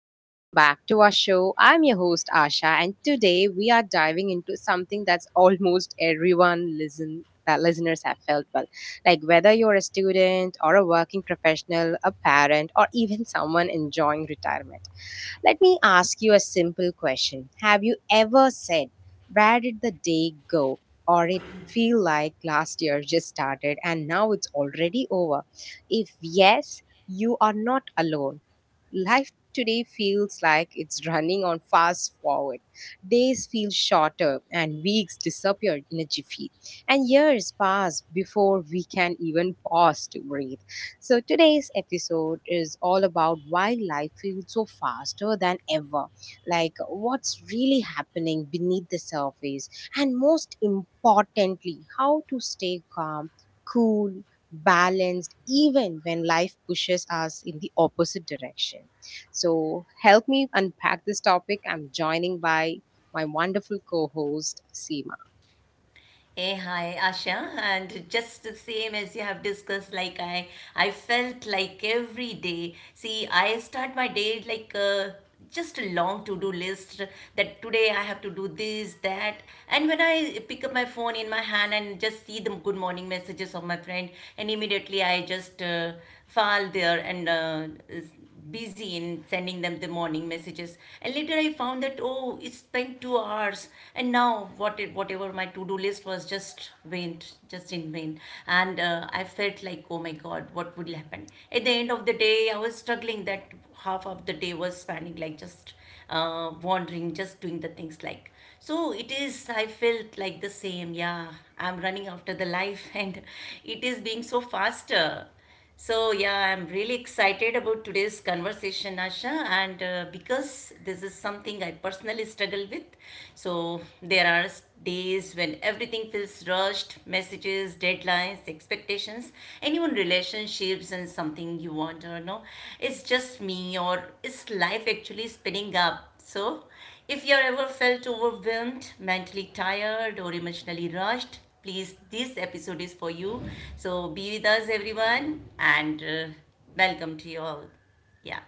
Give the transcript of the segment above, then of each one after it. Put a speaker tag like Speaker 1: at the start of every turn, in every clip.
Speaker 1: Welcome back to our show. I'm your host, Asha, and today we are diving into something that's almost everyone listen that listeners have felt well. Like whether you're a student or a working professional, a parent, or even someone enjoying retirement. Let me ask you a simple question. Have you ever said, "Where did the day go?" Or it feel like last year just started and now it's already over? If yes, you are not alone. Life today feels like it's running on fast forward. Days feel shorter and weeks disappear in a jiffy. And years pass before we can even pause to breathe. Today's episode is all about why life feels so faster than ever, like what's really happening beneath the surface, and most importantly, how to stay calm, cool, balanced, even when life pushes us in the opposite direction. Help me unpack this topic. I'm joining by my wonderful co host, Seema.
Speaker 2: Hey, hi, Asha. And just the same as you have discussed, like I felt like every day. See, I start my day like just a long to-do list that today I have to do this, that. And when I pick up my phone in my hand and just see the good morning messages of my friend, and immediately I just fall there and busy in sending them the morning messages. And later I found that, oh, it spent 2 hours, and now whatever my to-do list was just went just in vain. And I felt like, oh my god, what would happen at the end of the day? I was struggling that half of the day was spending like just wandering, just doing the things like. So it is, I felt like the same. Yeah, I'm running after the life and it is being so faster. So, yeah, I'm really excited about today's conversation, Asha, and because this is something I personally struggle with. So, there are days when everything feels rushed, messages, deadlines, expectations, and even relationships, and something you want or no. It's just me, or is life actually spinning up? So, if you ever felt overwhelmed, mentally tired, or emotionally rushed, please, this episode is for you. So be with us, everyone, and welcome to you all. Yeah.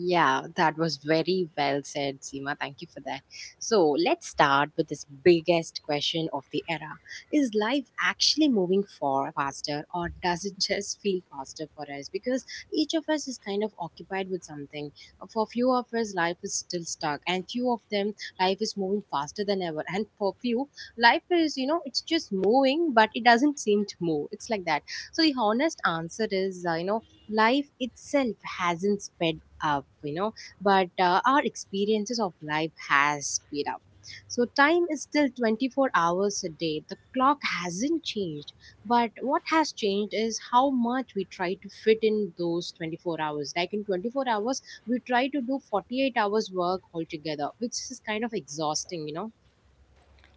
Speaker 1: Yeah, that was very well said, Seema. Thank you for that. So let's start with this biggest question of the era. Is life actually moving far faster or does it just feel faster for us? Because each of us is kind of occupied with something. For few of us, life is still stuck and few of them, life is moving faster than ever. And for few, life is, it's just moving, but it doesn't seem to move. It's like that. So the honest answer is, life itself hasn't sped up, but our experiences of life has sped up. So time is still 24 hours a day. The clock hasn't changed, but what has changed is how much we try to fit in those 24 hours. Like in 24 hours, we try to do 48 hours work altogether, which is kind of exhausting, you know.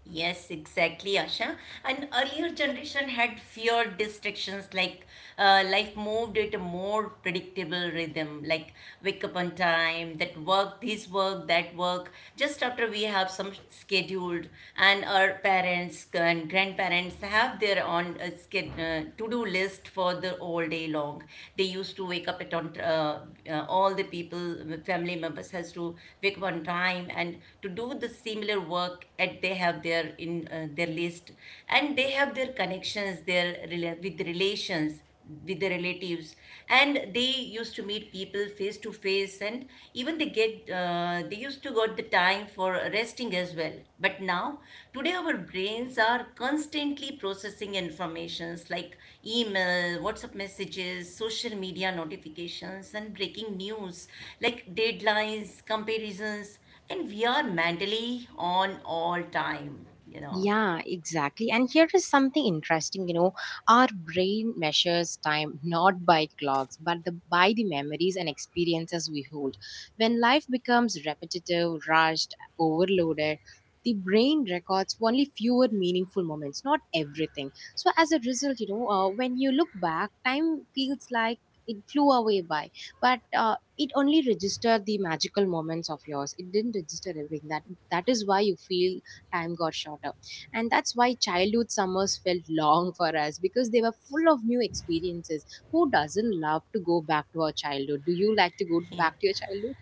Speaker 2: Yes, exactly, Asha. And earlier generation had feared distractions, like life moved at a more predictable rhythm, like wake up on time, that work, this work, that work, just after we have some scheduled. And our parents and grandparents have their own to-do list for worked all day long. They used to wake up at on all the people, family members has to wake up on time and to do the similar work at they have their in their list, and they have their connections, their with relations, with the relatives. And they used to meet people face to face, and even they get they used to got the time for resting as well. But now today our brains are constantly processing informations, like email, WhatsApp messages, social media notifications, and breaking news, like deadlines, comparisons, and we are mentally on all time, you know.
Speaker 1: Yeah, exactly. And here is something interesting, our brain measures time not by clocks, but by the memories and experiences we hold. When life becomes repetitive, rushed, overloaded, the brain records only fewer meaningful moments, not everything. So as a result, when you look back, time feels like it flew away by, but it only registered the magical moments of yours. It didn't register everything. That is why you feel time got shorter and that's why childhood summers felt long for us because they were full of new experiences. Who doesn't love to go back to our childhood? Do you like to go
Speaker 2: Yeah.
Speaker 1: back to your childhood?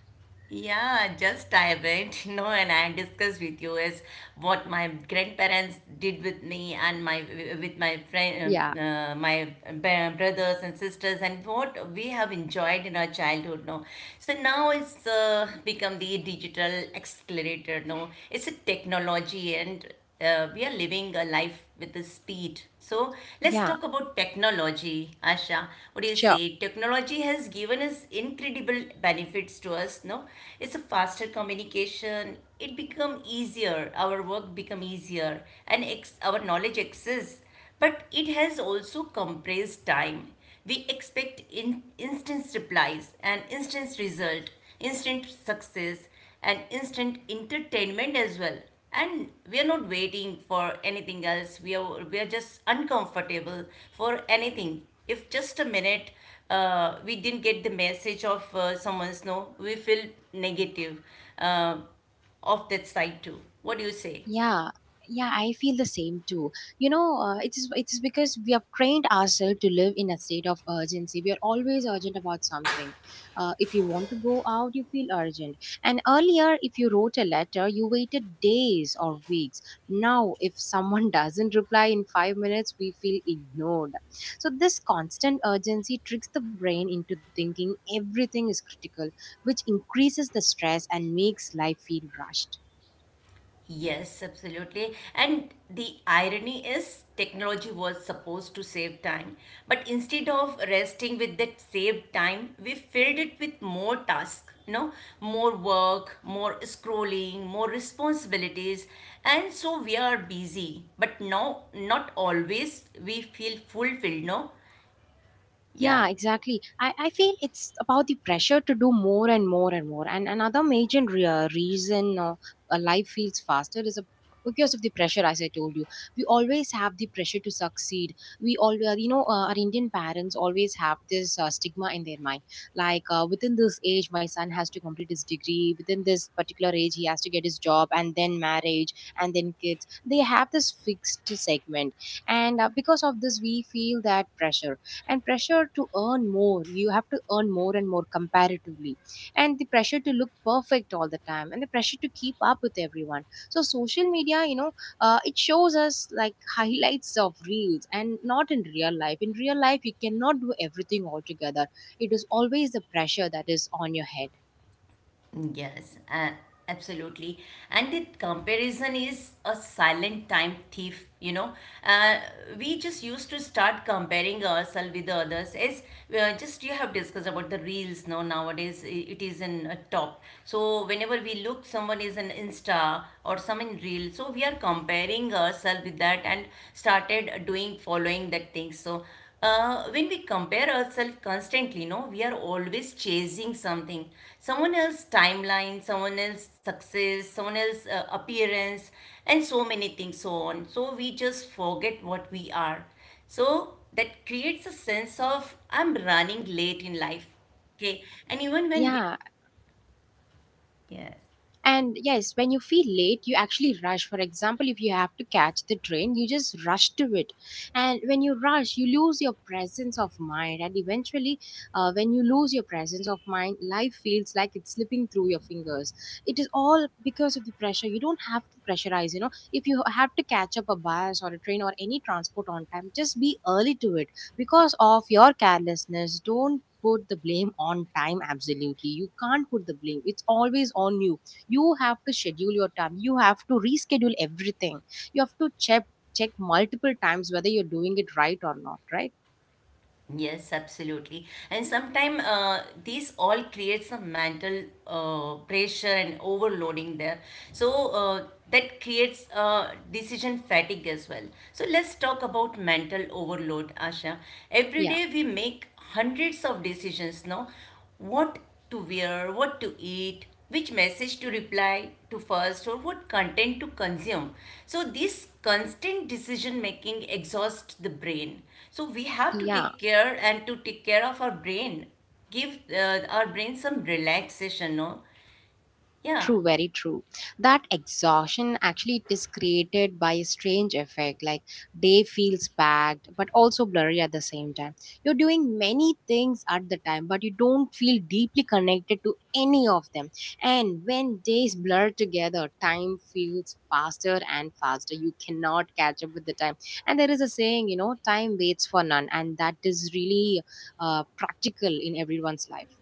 Speaker 2: Yeah, just I went, you know, and I discussed with you is what my grandparents did with me and my with my friend,
Speaker 1: Yeah,
Speaker 2: brothers and sisters, and what we have enjoyed in our childhood. No, so now it's become the digital accelerator. No, it's a technology, and we are living a life with the speed. So let's
Speaker 1: yeah,
Speaker 2: talk about technology, Asha. What do you
Speaker 1: sure.
Speaker 2: say? Technology has given us incredible benefits to us. No, it's a faster communication. It become easier. Our work become easier, and our knowledge access, but it has also compressed time. We expect instant replies and instant result, instant success, and instant entertainment as well. And we are not waiting for anything else. We are just uncomfortable for anything. If just a minute we didn't get the message of someone's, no, we feel negative uh, of that side too. What do you say?
Speaker 1: yeah yeah, I feel the same too. It is because we have trained ourselves to live in a state of urgency. We are always urgent about something. If you want to go out, you feel urgent. And earlier, if you wrote a letter, you waited days or weeks. Now if someone doesn't reply in 5 minutes, we feel ignored. So this constant urgency tricks the brain into thinking everything is critical, which increases the stress and makes life feel rushed.
Speaker 2: Yes, absolutely. And the irony is, technology was supposed to save time. But instead of resting with that saved time, we filled it with more tasks, you know, more work, more scrolling, more responsibilities. And so we are busy, but no, not always we feel fulfilled, no? Yeah.
Speaker 1: Yeah, exactly. I feel it's about the pressure to do more and more and more. And another major reason a life feels faster is because of the pressure, as I told you. We always have the pressure to succeed. We always, our Indian parents always have this stigma in their mind. Like, within this age, my son has to complete his degree. Within this particular age, he has to get his job, and then marriage, and then kids. They have this fixed segment. And because of this, we feel that pressure, and pressure to earn more. You have to earn more and more comparatively, and the pressure to look perfect all the time, and the pressure to keep up with everyone. So social media, you know, it shows us like highlights of reels and not in real life. In real life, you cannot do everything altogether. It is always the pressure that is on your head.
Speaker 2: Yes, and absolutely. And the comparison is a silent time thief, you know. Uh, we just used to start comparing ourselves with others. As just you have discussed about the reels now nowadays, it is in a top. So whenever we look, someone is an Insta or some in reel. So we are comparing ourselves with that and started doing following that thing. So when we compare ourselves constantly, no, we are always chasing something. Someone else's timeline, someone else's success, someone else's appearance, and so many things so on. So we just forget what we are. So that creates a sense of I'm running late in life. Okay, and even when we
Speaker 1: Yeah.
Speaker 2: yes.
Speaker 1: And yes, when you feel late, you actually rush. For example, if you have to catch the train, you just rush to it. And when you rush, you lose your presence of mind. And eventually, when you lose your presence of mind, life feels like it's slipping through your fingers. It is all because of the pressure. You don't have to pressurize, you know. If you have to catch up a bus or a train or any transport on time, just be early to it. Because of your carelessness, don't put the blame on time. Absolutely, you can't put the blame. It's always on you. You have to schedule your time. You have to reschedule everything. You have to check multiple times whether you're doing it right or not right.
Speaker 2: Yes, absolutely. And sometimes these all creates some mental pressure and overloading there. So that creates decision fatigue as well. So let's talk about mental overload, Asha. Every
Speaker 1: Yeah,
Speaker 2: day we make hundreds of decisions now. What to wear, what to eat, which message to reply to first, or what content to consume. So this constant decision making exhausts the brain. So we have to
Speaker 1: yeah.
Speaker 2: take care and to take care of our brain, give our brain some relaxation, no? Yeah,
Speaker 1: True, very true. That exhaustion actually it is created by a strange effect. Like day feels packed, but also blurry at the same time. You're doing many things at the time, but you don't feel deeply connected to any of them. And when days blur together, time feels faster and faster. You cannot catch up with the time. And there is a saying, you know, time waits for none, and that is really practical in everyone's life.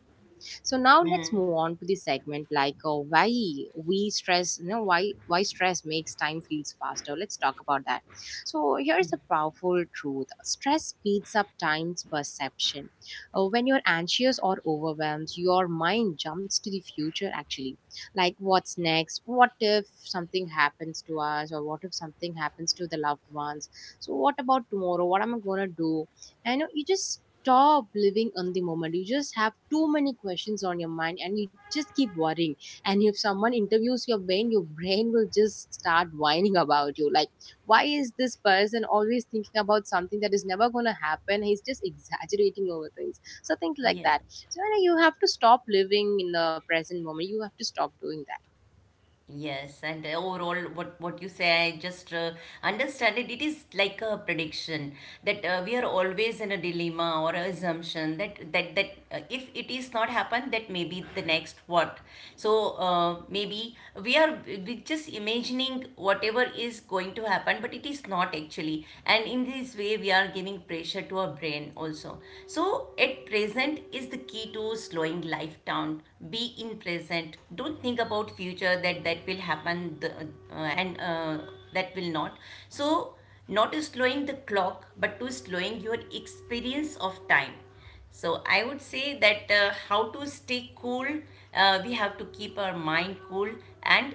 Speaker 1: So now let's move on to the segment like why we stress, you know, why stress makes time feels faster. Let's talk about that. So here is a powerful truth: stress speeds up time's perception. When you're anxious or overwhelmed, your mind jumps to the future. Actually, like what's next? What if something happens to us, or what if something happens to the loved ones? So what about tomorrow? What am I gonna do? I know you just stop living in the moment. You just have too many questions on your mind and you just keep worrying. And if someone interviews your brain will just start whining about you. Like, why is this person always thinking about something that is never going to happen? He's just exaggerating over things. So, things like
Speaker 2: yeah.
Speaker 1: that. So, you know, you have to stop living in the present moment. You have to stop doing that.
Speaker 2: Yes, and overall, what you say, I just understand it. It is like a prediction that we are always in a dilemma or a assumption that if it is not happen, that maybe the next what. So maybe we are we just imagining whatever is going to happen, but it is not actually. And in this way, we are giving pressure to our brain also. So at Get present is the key to slowing life down. Be in present. Don't think about future that will happen the, uh, and that will not. So not to slowing the clock, but to slowing your experience of time. So I would say that how to stay cool, we have to keep our mind cool and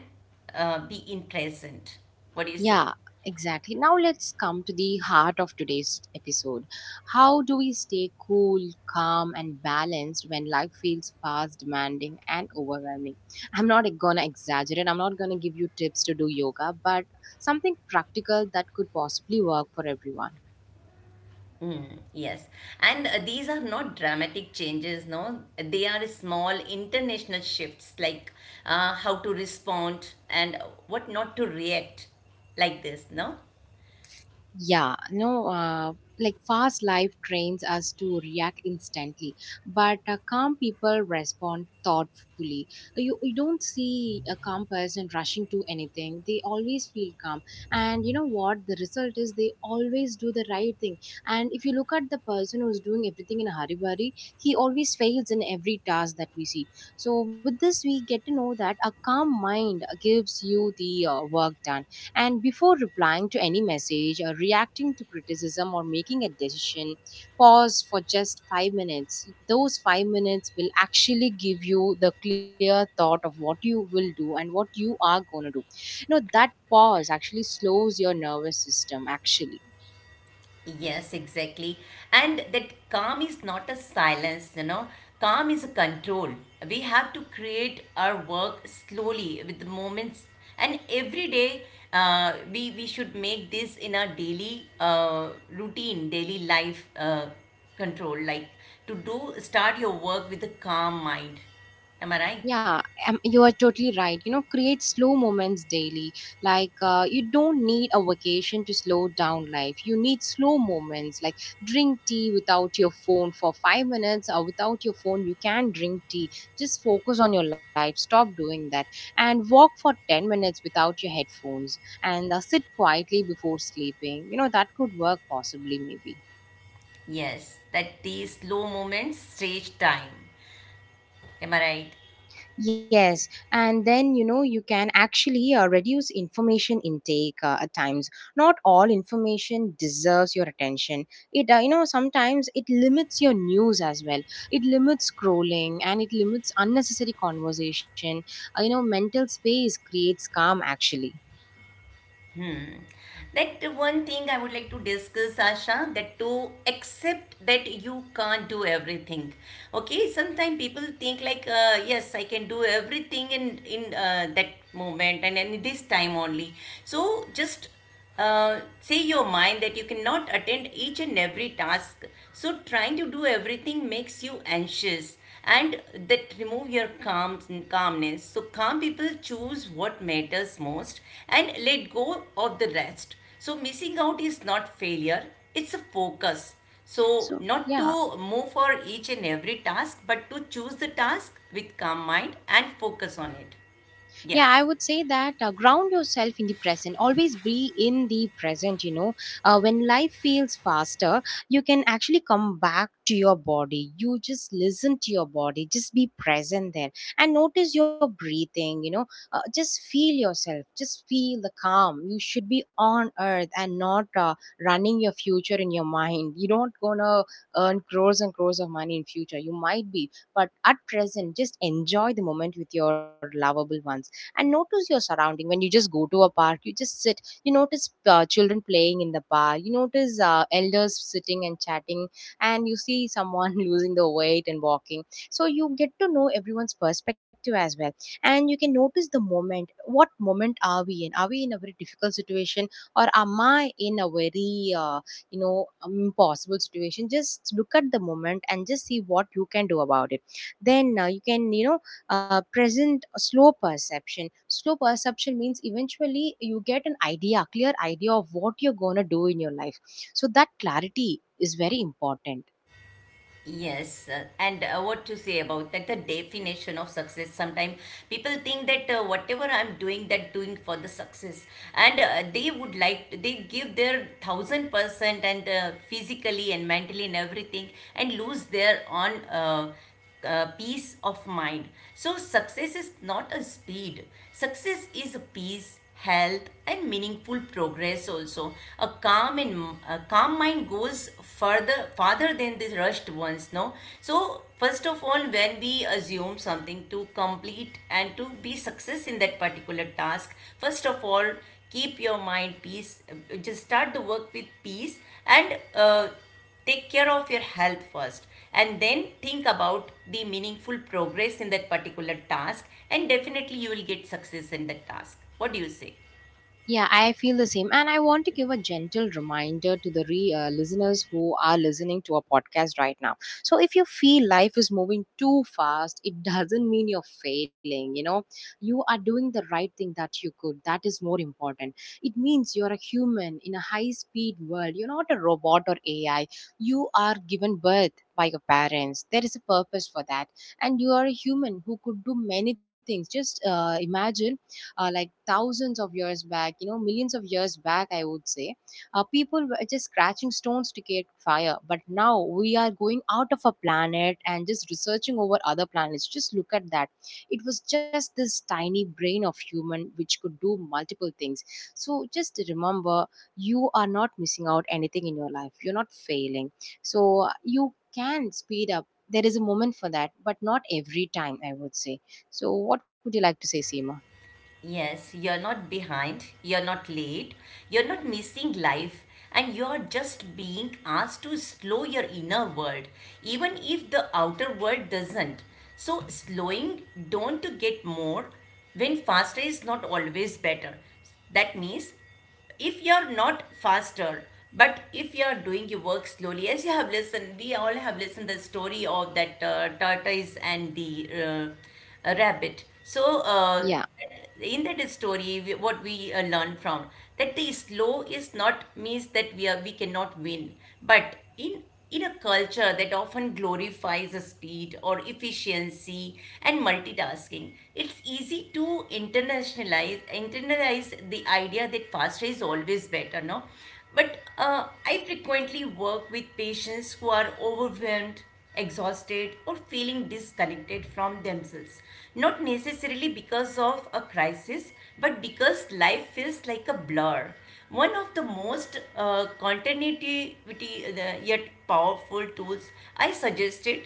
Speaker 2: be in present. What do you say?
Speaker 1: Yeah, exactly. Now let's come to the heart of today's episode. How do we stay cool, calm, and balanced when life feels fast, demanding, and overwhelming? I'm not gonna exaggerate, I'm not gonna give you tips to do yoga, but something practical that could possibly work for everyone.
Speaker 2: Yes, and these are not dramatic changes, no. They are small international shifts, like how to respond and what not to react, like this, no.
Speaker 1: Yeah, no, like fast life trains us to react instantly, but calm people respond thoughtfully. You don't see a calm person rushing to anything, they always feel calm. And you know what? The result is they always do the right thing. And if you look at the person who's doing everything in a hurry burry, he always fails in every task that we see. So, with this, we get to know that a calm mind gives you the work done, and before replying to any message or reacting to criticism or making a decision, pause for just 5 minutes. Those 5 minutes will actually give you the clear thought of what you will do and what you are going to do. You know, that pause actually slows your nervous system, actually.
Speaker 2: Yes, exactly. And that calm is not a silence, you know. Calm is a control. We have to create our work slowly with the moments. And every day, we should make this in our daily routine, daily life control. Like to do, start your work with a calm mind. Am I right?
Speaker 1: Yeah, you are totally right. You know, create slow moments daily. Like, you don't need a vacation to slow down life. You need slow moments. Like, drink tea without your phone for 5 minutes, or without your phone, you can drink tea. Just focus on your life. Stop doing that. And walk for 10 minutes without your headphones. And sit quietly before sleeping. You know, that could work possibly, maybe.
Speaker 2: Yes, that these slow moments stage time. Am I right?
Speaker 1: Yes, and then you know you can actually reduce information intake at times. Not all information deserves your attention. It you know sometimes it limits your news as well. It limits scrolling and it limits unnecessary conversation. You know mental space creates calm actually.
Speaker 2: Hmm. That one thing I would like to discuss, Asha, that to accept that you can't do everything. Okay, sometimes people think like, yes, I can do everything in that moment and in this time only. So just uh, say your mind that you cannot attend each and every task. So trying to do everything makes you anxious, and that remove your calmness. So calm people choose what matters most and let go of the rest. So missing out is not failure, it's a focus. So
Speaker 1: So
Speaker 2: not
Speaker 1: yeah.
Speaker 2: to move for each and every task, but to choose the task with calm mind and focus on it.
Speaker 1: Yeah,
Speaker 2: Yeah.
Speaker 1: I would say that ground yourself in the present. Always be in the present, you know. When life feels faster, you can actually come back to your body. You just listen to your body, just be present there and notice your breathing, you know. Just feel yourself, just feel the calm. You should be on earth and not running your future in your mind. You're not gonna earn crores and crores of money in future. You might be, but at present, just enjoy the moment with your lovable ones and notice your surrounding. When you just go to a park, you just sit, you notice children playing in the park, you notice elders sitting and chatting, and you see someone losing the weight and walking. So you get to know everyone's perspective as well, and you can notice the moment. What moment are we in? Are we in a very difficult situation, or am I in a very impossible situation? Just look at the moment and just see what you can do about it. Then you can, you know, present slow perception. Slow perception means eventually you get an idea, clear idea of what you're going to do in your life. So that clarity is very important.
Speaker 2: Yes, and what to say about that? The definition of success. Sometimes people think that whatever I'm doing, that doing for the success, and they would like they give their 1000% and physically and mentally and everything, and lose their on. Peace of mind. So, success is not a speed, success is a peace. Health and meaningful progress also. A calm and a calm mind goes further, farther than the rushed ones. No, so first of all, when we assume something to complete and to be success in that particular task, first of all, keep your mind peace. Just start the work with peace, and take care of your health first, and then think about the meaningful progress in that particular task, and definitely you will get success in that task. What do you say?
Speaker 1: Yeah, I feel the same. And I want to give a gentle reminder to the listeners who are listening to our podcast right now. So, if you feel life is moving too fast, it doesn't mean you're failing. You know, you are doing the right thing that you could. That is more important. It means you're a human in a high speed world. You're not a robot or AI. You are given birth by your parents. There is a purpose for that. And you are a human who could do many things. Just imagine like thousands of years back, you know, millions of years back, I would say, people were just scratching stones to create fire. But now we are going out of a planet and just researching over other planets. Just look at that. It was just this tiny brain of human which could do multiple things. So just remember, you are not missing out anything in your life. You're not failing. So you can speed up. There is a moment for that, but not every time, I would say. So, what would you like to say, Seema?
Speaker 2: Yes, you're not behind, you're not late, you're not missing life, and you're just being asked to slow your inner world, even if the outer world doesn't. So, slowing don't to get more when faster is not always better. That means if you're not faster, but if you are doing your work slowly, as you have listened, we all have listened the story of that tortoise and the rabbit. So
Speaker 1: Yeah.
Speaker 2: in that story we, what we learn from that, the slow is not means that we are we cannot win. But in a culture that often glorifies the speed or efficiency and multitasking, it's easy to internationalize internalize the idea that faster is always better, no? But I frequently work with patients who are overwhelmed, exhausted, or feeling disconnected from themselves. Not necessarily because of a crisis, but because life feels like a blur. One of the most continuity yet powerful tools I suggested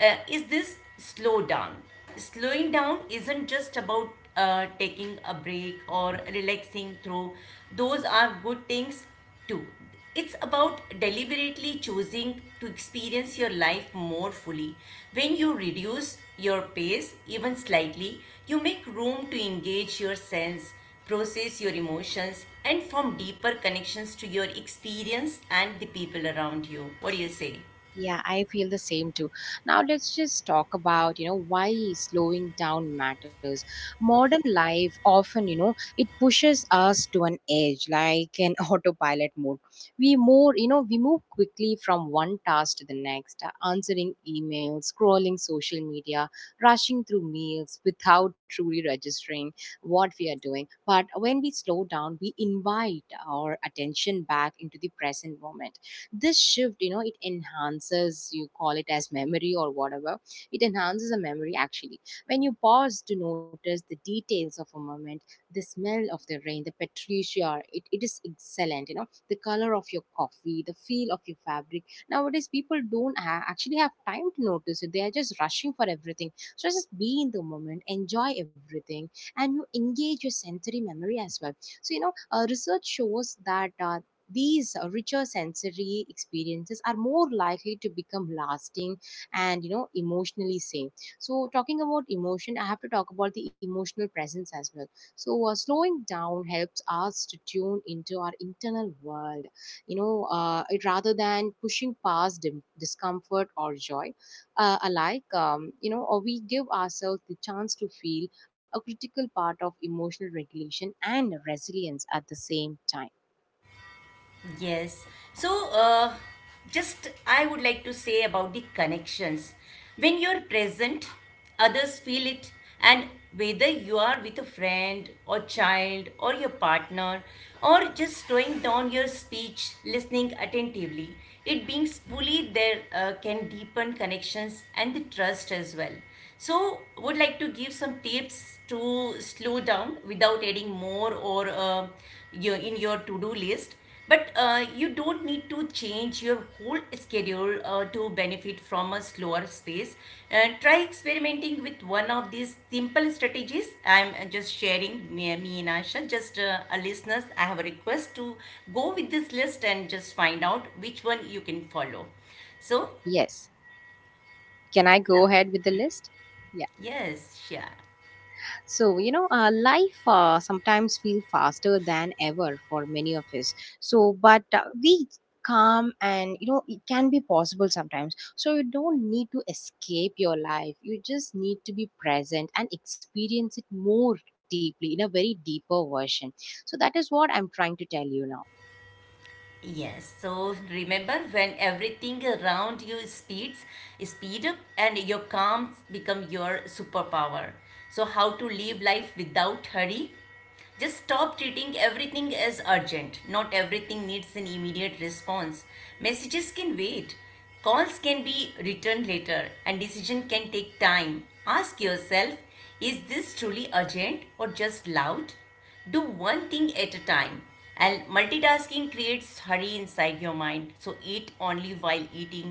Speaker 2: is this slow down. Slowing down isn't just about taking a break or relaxing through, those are good things, Two, it's about deliberately choosing to experience your life more fully. When you reduce your pace even slightly, you make room to engage your sense, process your emotions, and form deeper connections to your experience and the people around you. What do you say?
Speaker 1: Yeah, I feel the same too. Now let's just talk about, you know, why slowing down matters. Modern life often, you know, it pushes us to an edge, like an autopilot mode. We more, you know, we move quickly from one task to the next, answering emails, scrolling social media, rushing through meals without truly registering what we are doing. But when we slow down, we invite our attention back into the present moment. This shift, you know, it enhances, you call it as memory or whatever, it enhances a memory actually. When you pause to notice the details of a moment, the smell of the rain, the patricia, it is excellent, you know, the color of your coffee, the feel of your fabric. Nowadays people don't actually have time to notice it. They are just rushing for everything. So just be in the moment, enjoy everything, and you engage your sensory memory as well. So you know, research shows that these richer sensory experiences are more likely to become lasting, and you know emotionally same. So talking about emotion, I have to talk about the emotional presence as well. So slowing down helps us to tune into our internal world, you know. Rather than pushing past discomfort or joy alike, you know, or we give ourselves the chance to feel, a critical part of emotional regulation and resilience at the same time.
Speaker 2: Yes. So, uh, just I would like to say about the connections. When you're present, others feel it, and whether you are with a friend or child or your partner or just slowing down your speech, listening attentively, it being fully there can deepen connections and the trust as well. So, would like to give some tips to slow down without adding more or your, in your to-do list but you don't need to change your whole schedule to benefit from a slower space. And try experimenting with one of these simple strategies. I'm just sharing me and Asha, just a listeners. I have a request to go with this list and just find out which one you can follow. So,
Speaker 1: Yes. Can I go
Speaker 2: yeah,
Speaker 1: ahead with the list? Yeah.
Speaker 2: yes, yeah.
Speaker 1: So, you know, life sometimes feels faster than ever for many of us. So, but we calm, and you know it can be possible sometimes. So you don't need to escape your life, you just need to be present and experience it more deeply, in a very deeper version. So that is what I'm trying to tell you now.
Speaker 2: Yes, so remember when everything around you speed up and your calm become your superpower. So how to live life without hurry? Just stop treating everything as urgent. Not everything needs an immediate response. Messages can wait. Calls can be returned later and decision can take time. Ask yourself, is this truly urgent or just loud? Do one thing at a time, and multitasking creates hurry inside your mind. So eat only while eating,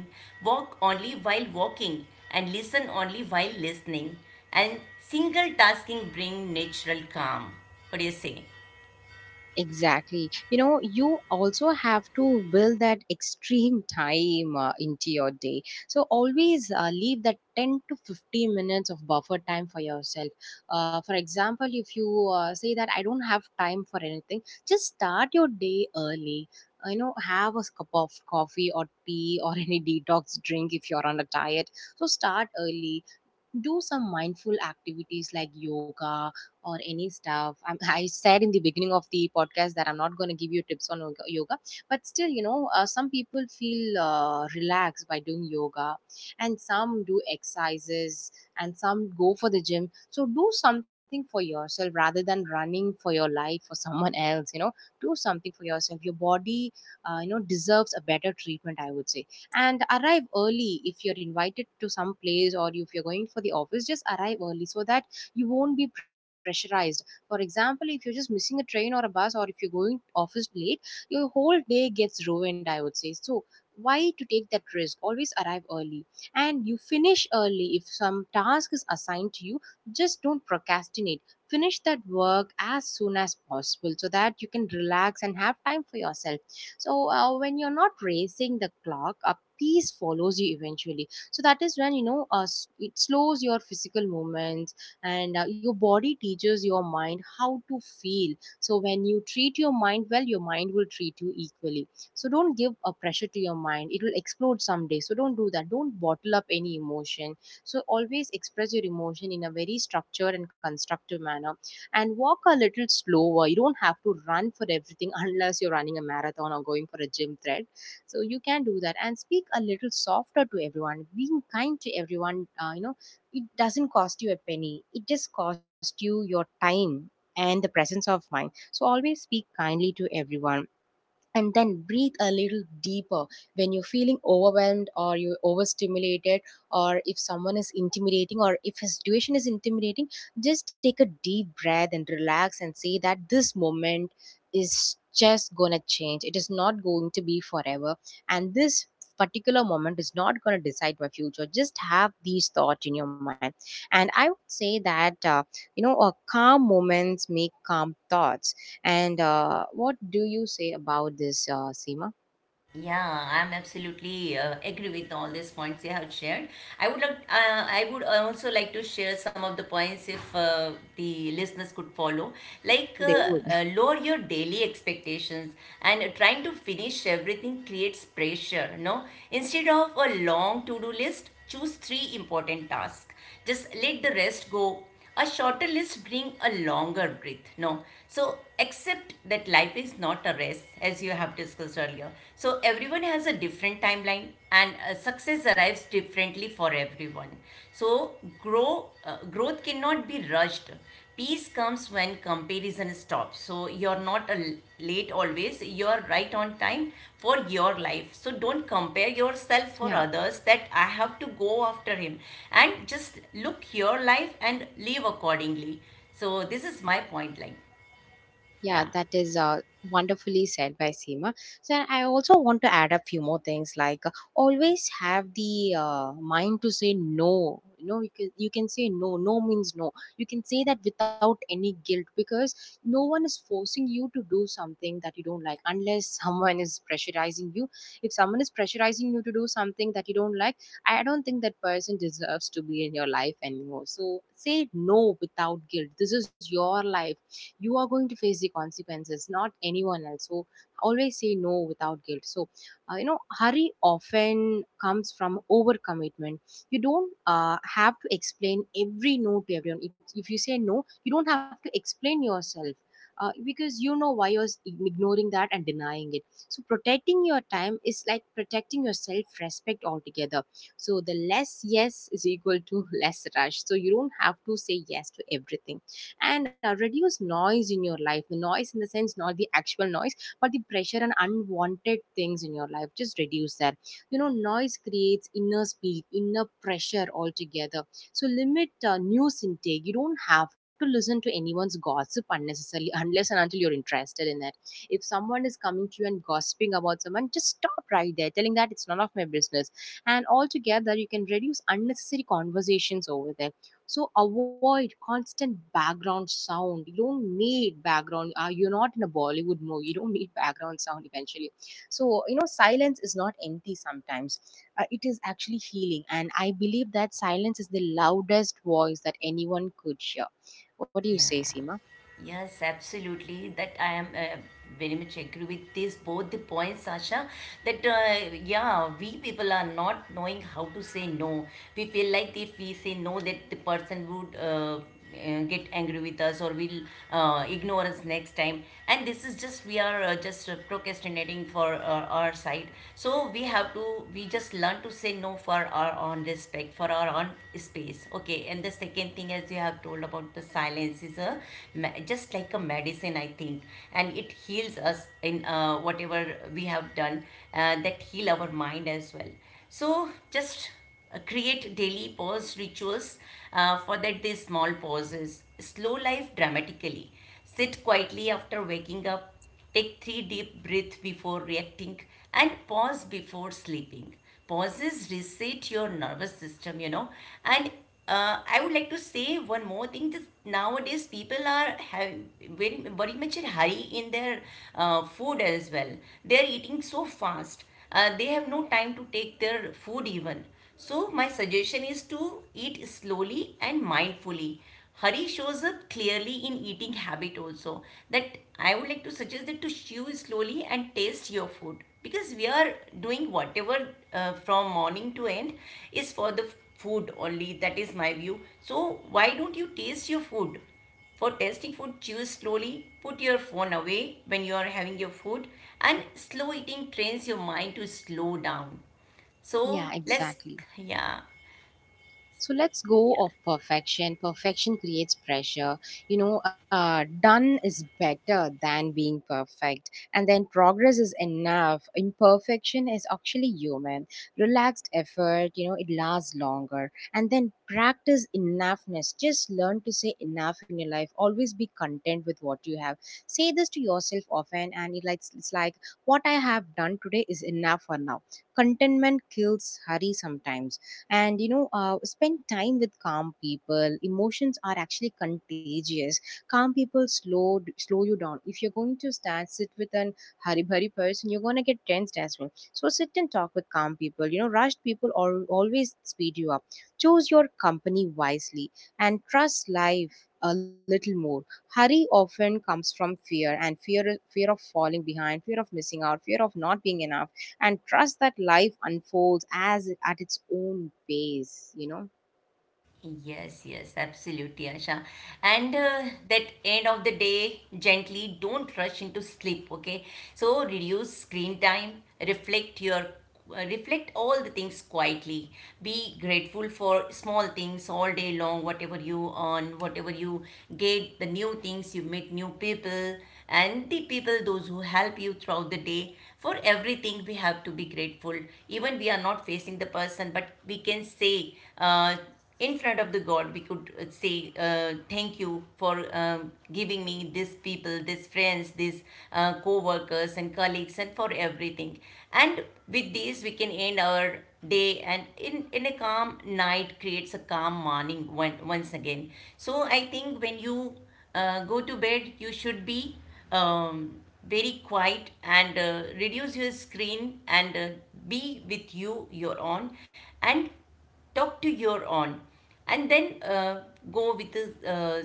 Speaker 2: walk only while walking, and listen only while listening. And single tasking brings natural calm. What do you say?
Speaker 1: Exactly. You know, you also have to build that extreme time into your day. So always leave that 10 to 15 minutes of buffer time for yourself. For example, if you say that I don't have time for anything, just start your day early. You know, have a cup of coffee or tea or any detox drink if you're on a diet. So start early, do some mindful activities like yoga or any stuff I I said in the beginning of the podcast that I'm not going to give you tips on yoga, but still you know, some people feel relaxed by doing yoga, and some do exercises, and some go for the gym. So do something for yourself rather than running for your life for someone else, you know. Do something for yourself. Your body you know deserves a better treatment, I would say. And arrive early if you're invited to some place or if you're going for the office. Just arrive early so that you won't be pressurized. For example, if you're just missing a train or a bus or if you're going office late, your whole day gets ruined, I would say. So why to take that risk? Always arrive early. And you finish early if some task is assigned to you. Just don't procrastinate, finish that work as soon as possible so that you can relax and have time for yourself. So when you're not racing the clock, a peace follows you eventually. So that is when you know, it slows your physical movements, and your body teaches your mind how to feel. So when you treat your mind well, your mind will treat you equally. So don't give a pressure to your mind, it will explode someday. So don't do that, don't bottle up any emotion. So always express your emotion in a very structured and constructive manner, and walk a little slower. You don't have to run for everything unless you're running a marathon or going for a gym thread. So you can do that, and speak a little softer to everyone. Being kind to everyone, you know, it doesn't cost you a penny. It just costs you your time and the presence of mind. So always speak kindly to everyone, and then breathe a little deeper when you're feeling overwhelmed or you're overstimulated, or if someone is intimidating or if a situation is intimidating. Just take a deep breath and relax, and say that this moment is just gonna change, it is not going to be forever. And this particular moment is not going to decide my future. Just have these thoughts in your mind. And I would say that you know calm moments make calm thoughts. And what do you say about this, Seema?
Speaker 2: Yeah, I'm absolutely agree with all these points you have shared. I would also like to share some of the points if the listeners could follow. Like
Speaker 1: They would,
Speaker 2: lower your daily expectations, and trying to finish everything creates pressure. No, instead of a long to-do list, choose three important tasks, just let the rest go. A shorter list bring a longer breath. No. So accept that life is not a race as you have discussed earlier. So everyone has a different timeline, and success arrives differently for everyone. So growth cannot be rushed. Peace comes when comparison stops. So you're not late always, you're right on time for your life. So don't compare yourself for
Speaker 1: yeah.
Speaker 2: others that I have to go after him, and just look your life and live accordingly. So this is my point, like
Speaker 1: Yeah,
Speaker 2: yeah.
Speaker 1: that is wonderfully said by Seema. So I also want to add a few more things like always have the mind to say no. You know, you can say no. No means no. You can say that without any guilt, because no one is forcing you to do something that you don't like unless someone is pressurizing you. If someone is pressurizing you to do something that you don't like, I don't think that person deserves to be in your life anymore. So say no without guilt. This is your life, you are going to face the consequences, not anyone else. So always say no without guilt. So you know hurry often comes from overcommitment. You don't have to explain every no to everyone. If you say no, you don't have to explain yourself, because you know why you're ignoring that and denying it. So protecting your time is like protecting your self-respect altogether. So the less yes is equal to less rush. So you don't have to say yes to everything. And reduce noise in your life. The noise in the sense, not the actual noise, but the pressure and unwanted things in your life, just reduce that. You know noise creates inner speed, inner pressure altogether. So limit news intake. You don't have to listen to anyone's gossip unnecessarily unless and until you're interested in it. If someone is coming to you and gossiping about someone, just stop right there telling that it's none of my business. And altogether you can reduce unnecessary conversations over there. So avoid constant background sound. You don't need background. You're not in a Bollywood movie. You don't need background sound eventually. So, you know, silence is not empty sometimes. It is actually healing. And I believe that silence is the loudest voice that anyone could hear. What do you say,
Speaker 2: Yeah,
Speaker 1: Seema?
Speaker 2: yes, absolutely. That I am very much agree with this both the points, Sasha. That yeah, we people are not knowing how to say no. We feel like if we say no, that the person would. Get angry with us or will ignore us next time, and this is just we are just procrastinating for our side. So we have to, we just learn to say no, for for our own respect, for our own space. Okay, and the second thing, as you have told about the silence, is a just like a medicine, I think, and it heals us in, whatever we have done, that heal our mind as well. So just create daily pause rituals, for that these small pauses slow life dramatically. Sit quietly after waking up, take three deep breaths before reacting, and pause before sleeping. Pauses reset your nervous system, you know. And I would like to say one more thing. Just nowadays, people are having very, very much in hurry in their food as well. They are eating so fast. They have no time to take their food even. So my suggestion is to eat slowly and mindfully. Hurry shows up clearly in eating habit also. That I would like to suggest that to chew slowly and taste your food, because we are doing whatever from morning to end is for the food only. That is my view. So why don't you taste your food? For tasting food, chew slowly, put your phone away when you are having your food, and slow eating trains your mind to slow down.
Speaker 1: Yeah,
Speaker 2: So let's,
Speaker 1: exactly.
Speaker 2: yeah,
Speaker 1: So let's go of perfection. Perfection creates pressure. You know, done is better than being perfect. And then progress is enough. Imperfection is actually human. Relaxed effort, you know, it lasts longer. And then practice enoughness. Just learn to say enough in your life. Always be content with what you have. Say this to yourself often, and it like it's like what I have done today is enough for now. Contentment kills hurry sometimes. And you know, spend time with calm people. Emotions are actually contagious. Calm people slow you down. If you're going to stand sit with an haribhari person, you're going to get tensed as well. So sit and talk with calm people. You know rushed people always speed you up. Choose your company wisely, and trust life a little more. Hurry often comes from fear. And fear of falling behind, fear of missing out, fear of not being enough. And trust that life unfolds as at its own pace, you know.
Speaker 2: yes, yes, absolutely, Asha. And that end of the day, gently don't rush into sleep, okay? So reduce screen time, reflect your reflect all the things quietly. Be grateful for small things all day long, whatever you earn, whatever you get, the new things, you meet new people, and the people those who help you throughout the day. For everything we have to be grateful. Even we are not facing the person, but we can say in front of the God, we could say, thank you for giving me these people, these friends, these co workers and colleagues, and for everything. And with this, we can end our day, and in a calm night creates a calm morning, once again. So I think when you go to bed, you should be um, very quiet, and reduce your screen, and be with you, your own, and talk to your on, and then go with the uh,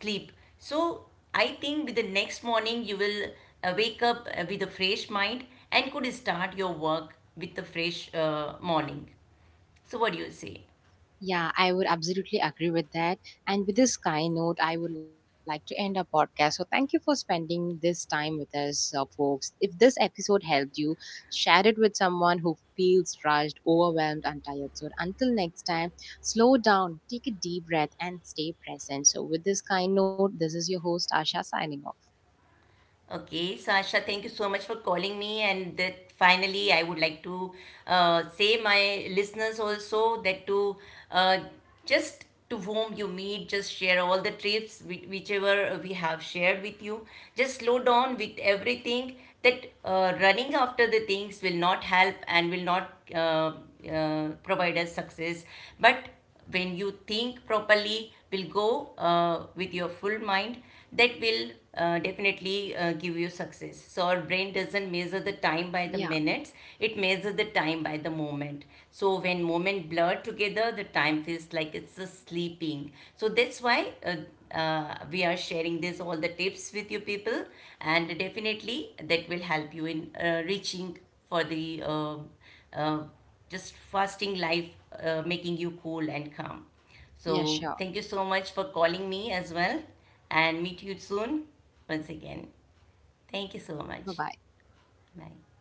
Speaker 2: sleep. So I think with the next morning you will wake up with a fresh mind, and could start your work with the fresh morning. So what do you say?
Speaker 1: Yeah, I would absolutely agree with that. And with this kind note, I would like to end our podcast. So, thank you for spending this time with us, folks. If this episode helped you, share it with someone who feels rushed, overwhelmed, and tired. So, until next time, slow down, take a deep breath, and stay present. So, with this kind note, this is your host, Asha, signing off.
Speaker 2: Okay, Sasha, thank you so much for calling me. And that finally, I would like to say my listeners also that to uh, just to whom you meet, just share all the trips whichever we have shared with you. Just slow down with everything. That running after the things will not help and will not provide us success, but when you think properly will go with your full mind, that will definitely give you success. So our brain doesn't measure the time by the
Speaker 1: Yeah,
Speaker 2: minutes, it measures the time by the moment. So when moment blur together, the time feels like it's a sleeping. So that's why we are sharing this all the tips with you people, and definitely that will help you in reaching for the uh, just fasting life, making you cool and calm.
Speaker 1: yeah,
Speaker 2: So,
Speaker 1: sure.
Speaker 2: thank you so much for calling me as well, and meet you soon once again. Thank you so
Speaker 1: Bye
Speaker 2: much.
Speaker 1: bye.
Speaker 2: Bye.